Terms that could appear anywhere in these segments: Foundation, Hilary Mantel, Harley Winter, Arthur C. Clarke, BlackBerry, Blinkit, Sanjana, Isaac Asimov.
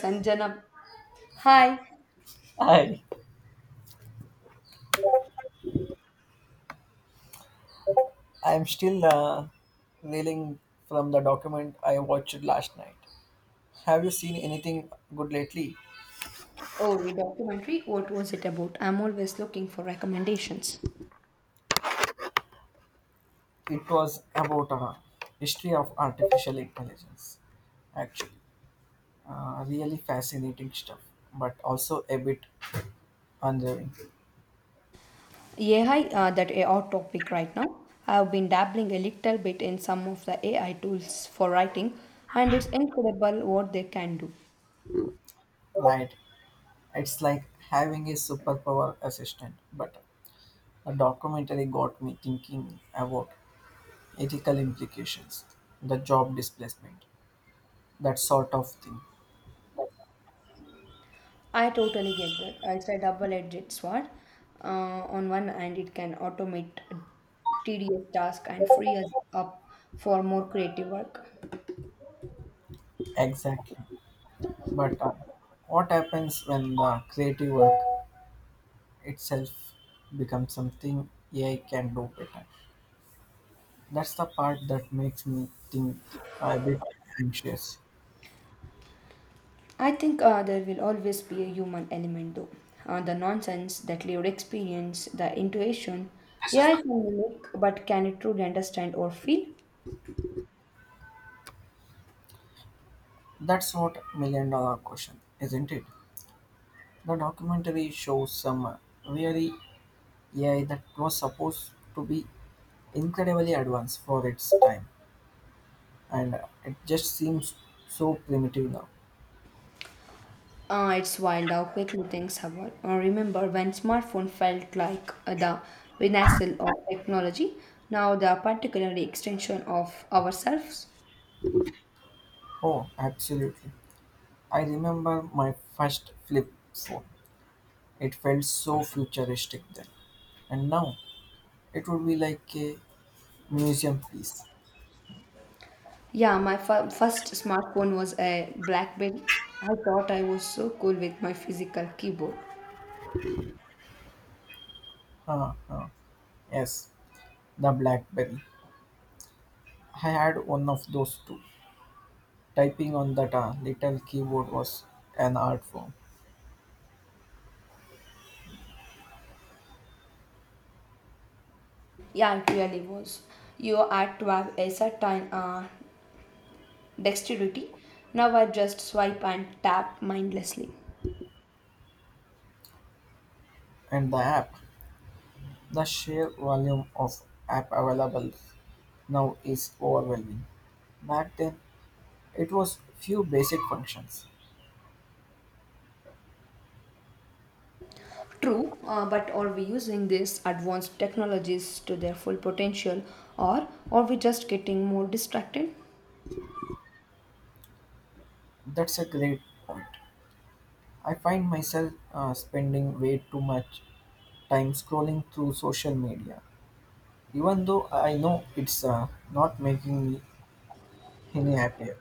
Sanjana. Hi. Hi. I'm still reeling from the document I watched last night. Have you seen anything good lately? Oh, your documentary. What was it about? I'm always looking for recommendations. It was about history of artificial intelligence. Actually, really fascinating stuff, but also a bit unnerving. Yeah, hi. That a hot topic right now. I've been dabbling a little bit in some of the AI tools for writing, and it's incredible what they can do. Right? It's like having a superpower assistant. But the documentary got me thinking about ethical implications, the job displacement, that sort of thing. I totally get that. It's a double-edged sword. On one hand, it can automate tedious tasks and free us up for more creative work. Exactly. But what happens when the creative work itself becomes something AI can do better? That's the part that makes me think a bit anxious. I think there will always be a human element though. The nonsense, that lived experience, the intuition. Yeah, it can mimic, but can it truly understand or feel? That's what million dollar question, isn't it? The documentary shows some really AI that was supposed to be incredibly advanced for its time, and it just seems so primitive now. It's wild how quickly things have evolved. Remember when smartphone felt like the pinnacle of technology? Now they are particularly extension of ourselves. Oh, absolutely. I remember my first flip phone. It felt so futuristic then. And now it would be like a museum piece. Yeah, my first smartphone was a BlackBerry. I thought I was so cool with my physical keyboard. Huh, huh. Yes, the Blackberry. I had one of those too. Typing on that little keyboard was an art form. Yeah, it really was. You had to have a certain dexterity. Now I just swipe and tap mindlessly. And the app, the sheer volume of app available now is overwhelming. Back then, it was few basic functions. True, but are we using these advanced technologies to their full potential or are we just getting more distracted? That's a great. I find myself spending way too much time scrolling through social media even though I know it's not making me any happier.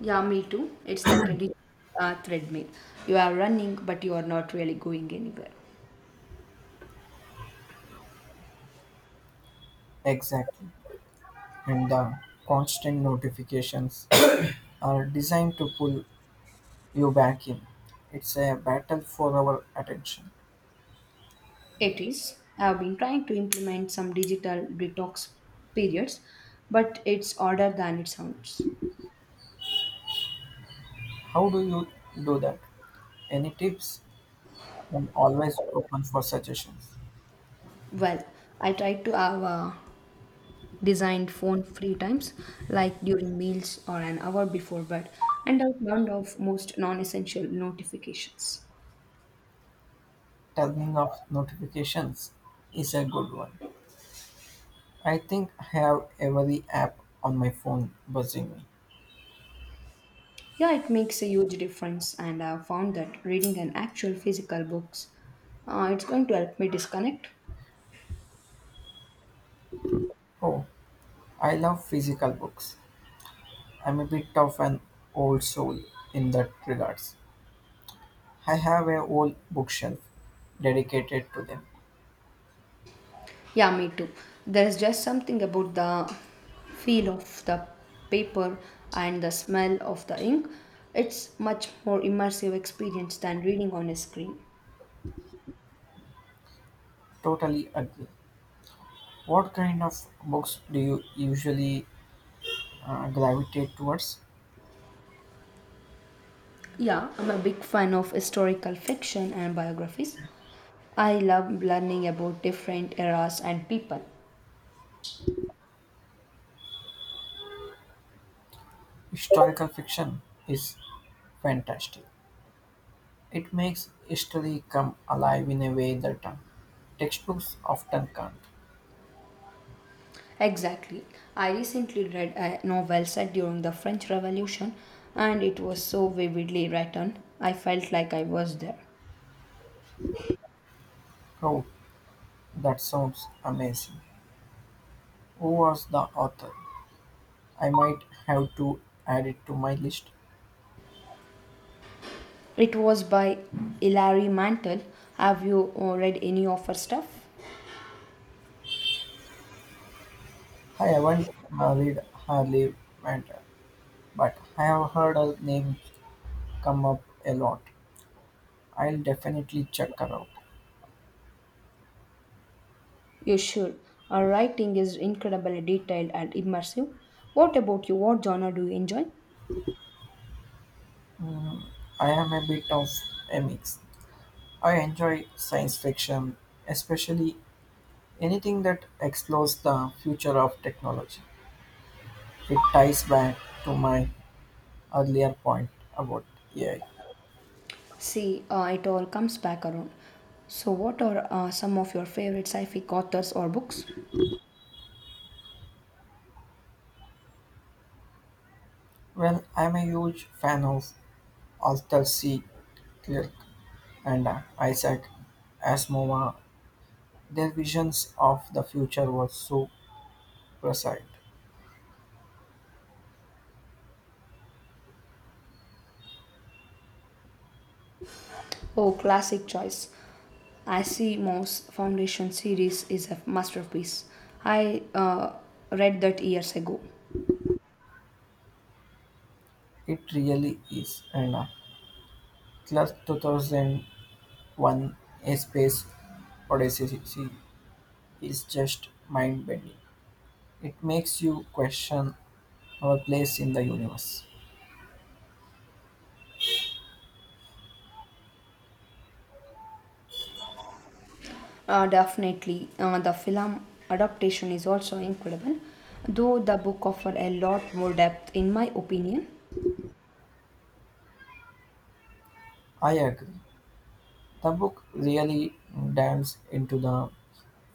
Yeah, me too. It's like a digital treadmill. You are running, but you are not really going anywhere. Exactly. And the constant notifications are designed to pull you back in. It's a battle for our attention. It is. I've been trying to implement some digital detox periods, but it's harder than it sounds. How do you do that? Any tips? I'm always open for suggestions. Well, I try to have designed phone free times, like during meals or an hour before bed, and I've turned off most non-essential notifications. Turning off notifications is a good one. I think I have every app on my phone buzzing me. Yeah, it makes a huge difference, and I've found that reading an actual physical books, it's going to help me disconnect. Oh, I love physical books. I'm a bit of an old soul in that regards. I have a whole bookshelf dedicated to them. Yeah, me too. There's just something about the feel of the paper and the smell of the ink. It's much more immersive experience than reading on a screen. Totally agree. What kind of books do you usually gravitate towards? Yeah, I'm a big fan of historical fiction and biographies. I love learning about different eras and people. Historical fiction is fantastic. It makes history come alive in a way that textbooks often can't. Exactly. I recently read a novel set during the French Revolution and it was so vividly written. I felt like I was there. Oh, that sounds amazing. Who was the author? I might have to add it to my list. It was by Hilary Mantel. Have you read any of her stuff? I haven't read Harley Winter, but I've heard her name come up a lot. I'll definitely check her out. You should. Her writing is incredibly detailed and immersive. What about you? What genre do you enjoy? I am a bit of a mix. I enjoy science fiction, especially anything that explores the future of technology. It ties back to my earlier point about AI. See, it all comes back around. So, what are some of your favorite sci fi authors or books? Well, I'm a huge fan of Arthur C. Clarke and Isaac Asimov. Their visions of the future were so Proceed. Oh, classic choice. Asimov's Foundation series is a masterpiece. I read that years ago. It really is. And Class 2001 A Space Odyssey is just mind bending. It makes you question our place in the universe. Definitely, the film adaptation is also incredible, though the book offers a lot more depth, in my opinion. I agree. The book really dives into the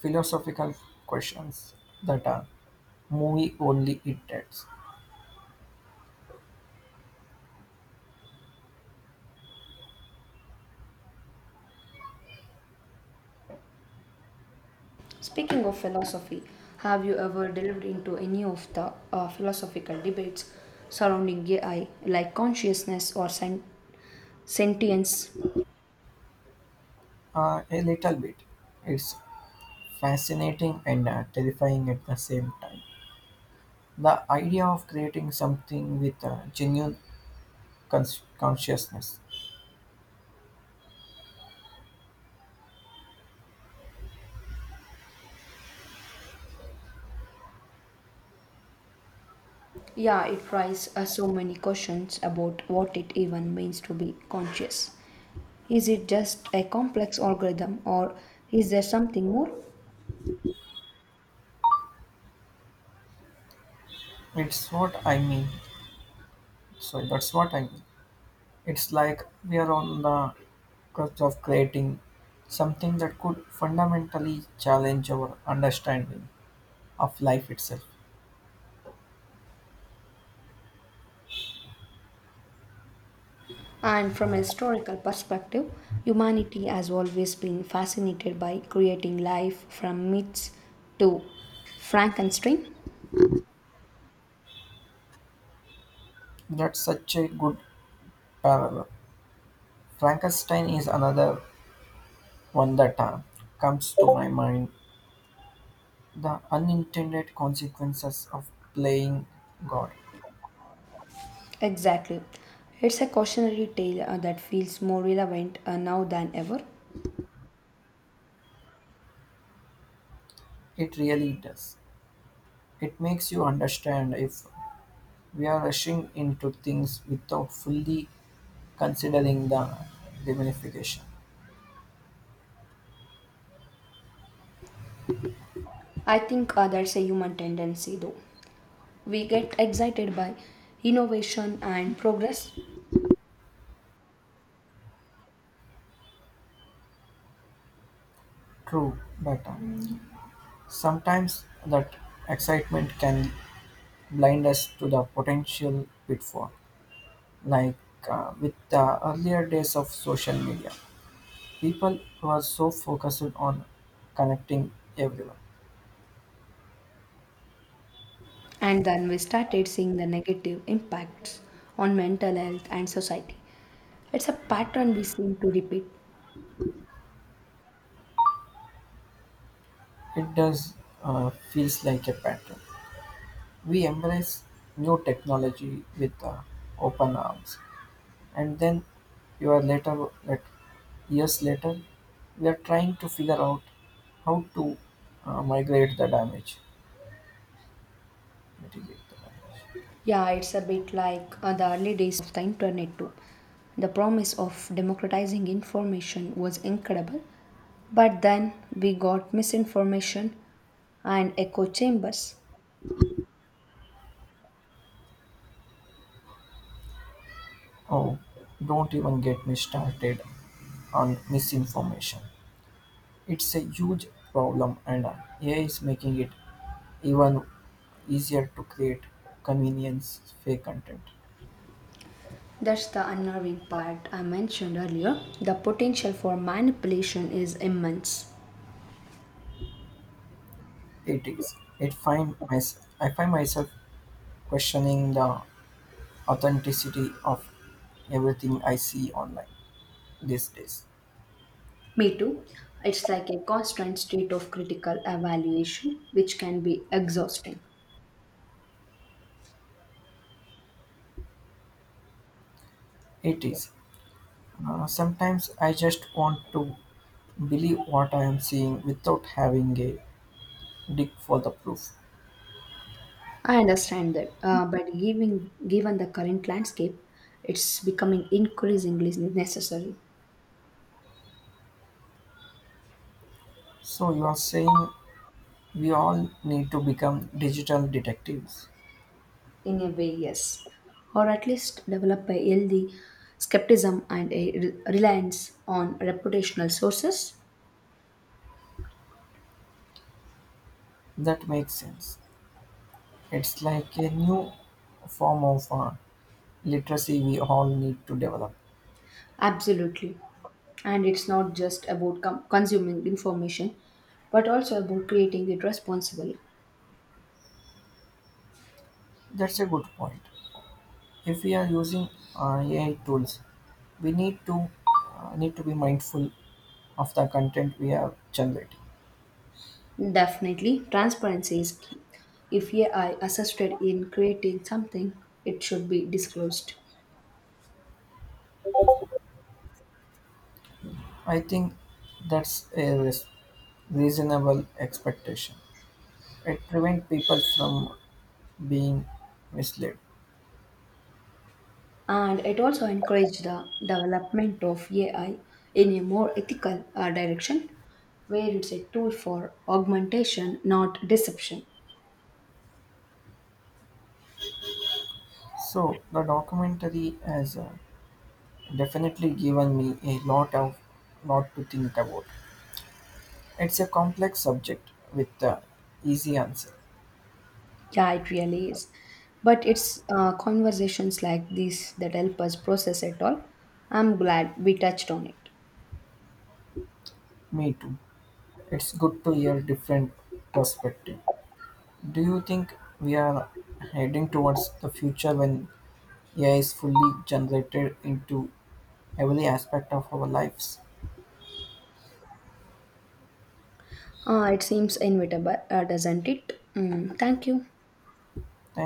philosophical questions that a movie only it does. Speaking of philosophy, have you ever delved into any of the philosophical debates surrounding AI, like consciousness or sentience? A little bit. It's fascinating and terrifying at the same time. The idea of creating something with a genuine consciousness. Yeah, it raises so many questions about what it even means to be conscious. Is it just a complex algorithm or is there something more? It's what I mean. So that's what I mean. It's like we are on the cusp of creating something that could fundamentally challenge our understanding of life itself. And from a historical perspective, humanity has always been fascinated by creating life from myths to Frankenstein. That's such a good parallel. Frankenstein is another one that comes to my mind. The unintended consequences of playing God. Exactly. It's a cautionary tale that feels more relevant now than ever. It really does. It makes you understand if we're rushing into things without fully considering the ramification. I think that's a human tendency, though. We get excited by innovation and progress, True, but sometimes that excitement can blind us to the potential pitfall. Like with the earlier days of social media, people were so focused on connecting everyone. and then we started seeing the negative impacts on mental health and society. It's a pattern we seem to repeat. It does feels like a pattern. We embrace new technology with open arms, and then you are later like years later we are trying to figure out how to migrate the damage mitigate the damage. Yeah, it's a bit like the early days of the internet, too. The promise of democratizing information was incredible, but then we got misinformation and echo chambers. Oh, don't even get me started on misinformation. It's a huge problem, and AI is making it even easier to create convenience fake content. That's the unnerving part I mentioned earlier. The potential for manipulation is immense. It is. I find myself questioning the authenticity of everything I see online these days. Me too. It's like a constant state of critical evaluation, which can be exhausting. It is. Sometimes I just want to believe what I am seeing without having a dig for the proof. I understand that, but given the current landscape, it's becoming increasingly necessary. So you are saying we all need to become digital detectives. In a way, yes, or at least develop a healthy skepticism and a reliance on reputational sources. That makes sense. It's like a new form of literacy we all need to develop. Absolutely, and it's not just about consuming information, but also about creating it responsibly. That's a good point. If we are using AI tools, we need to be mindful of the content we are generating. Definitely, transparency is key. If AI assisted in creating something, it should be disclosed. I think that's a reasonable expectation. It prevents people from being misled. And it also encouraged the development of AI in a more ethical direction, where it's a tool for augmentation, not deception. So the documentary has definitely given me a lot to think about. It's a complex subject with easy answer. Yeah, it really is. But it's conversations like these that help us process it all. I'm glad we touched on it. Me too. It's good to hear different perspective. Do you think we are heading towards the future when AI is fully generated into every aspect of our lives? It seems inevitable, doesn't it? Mm, thank you. Thank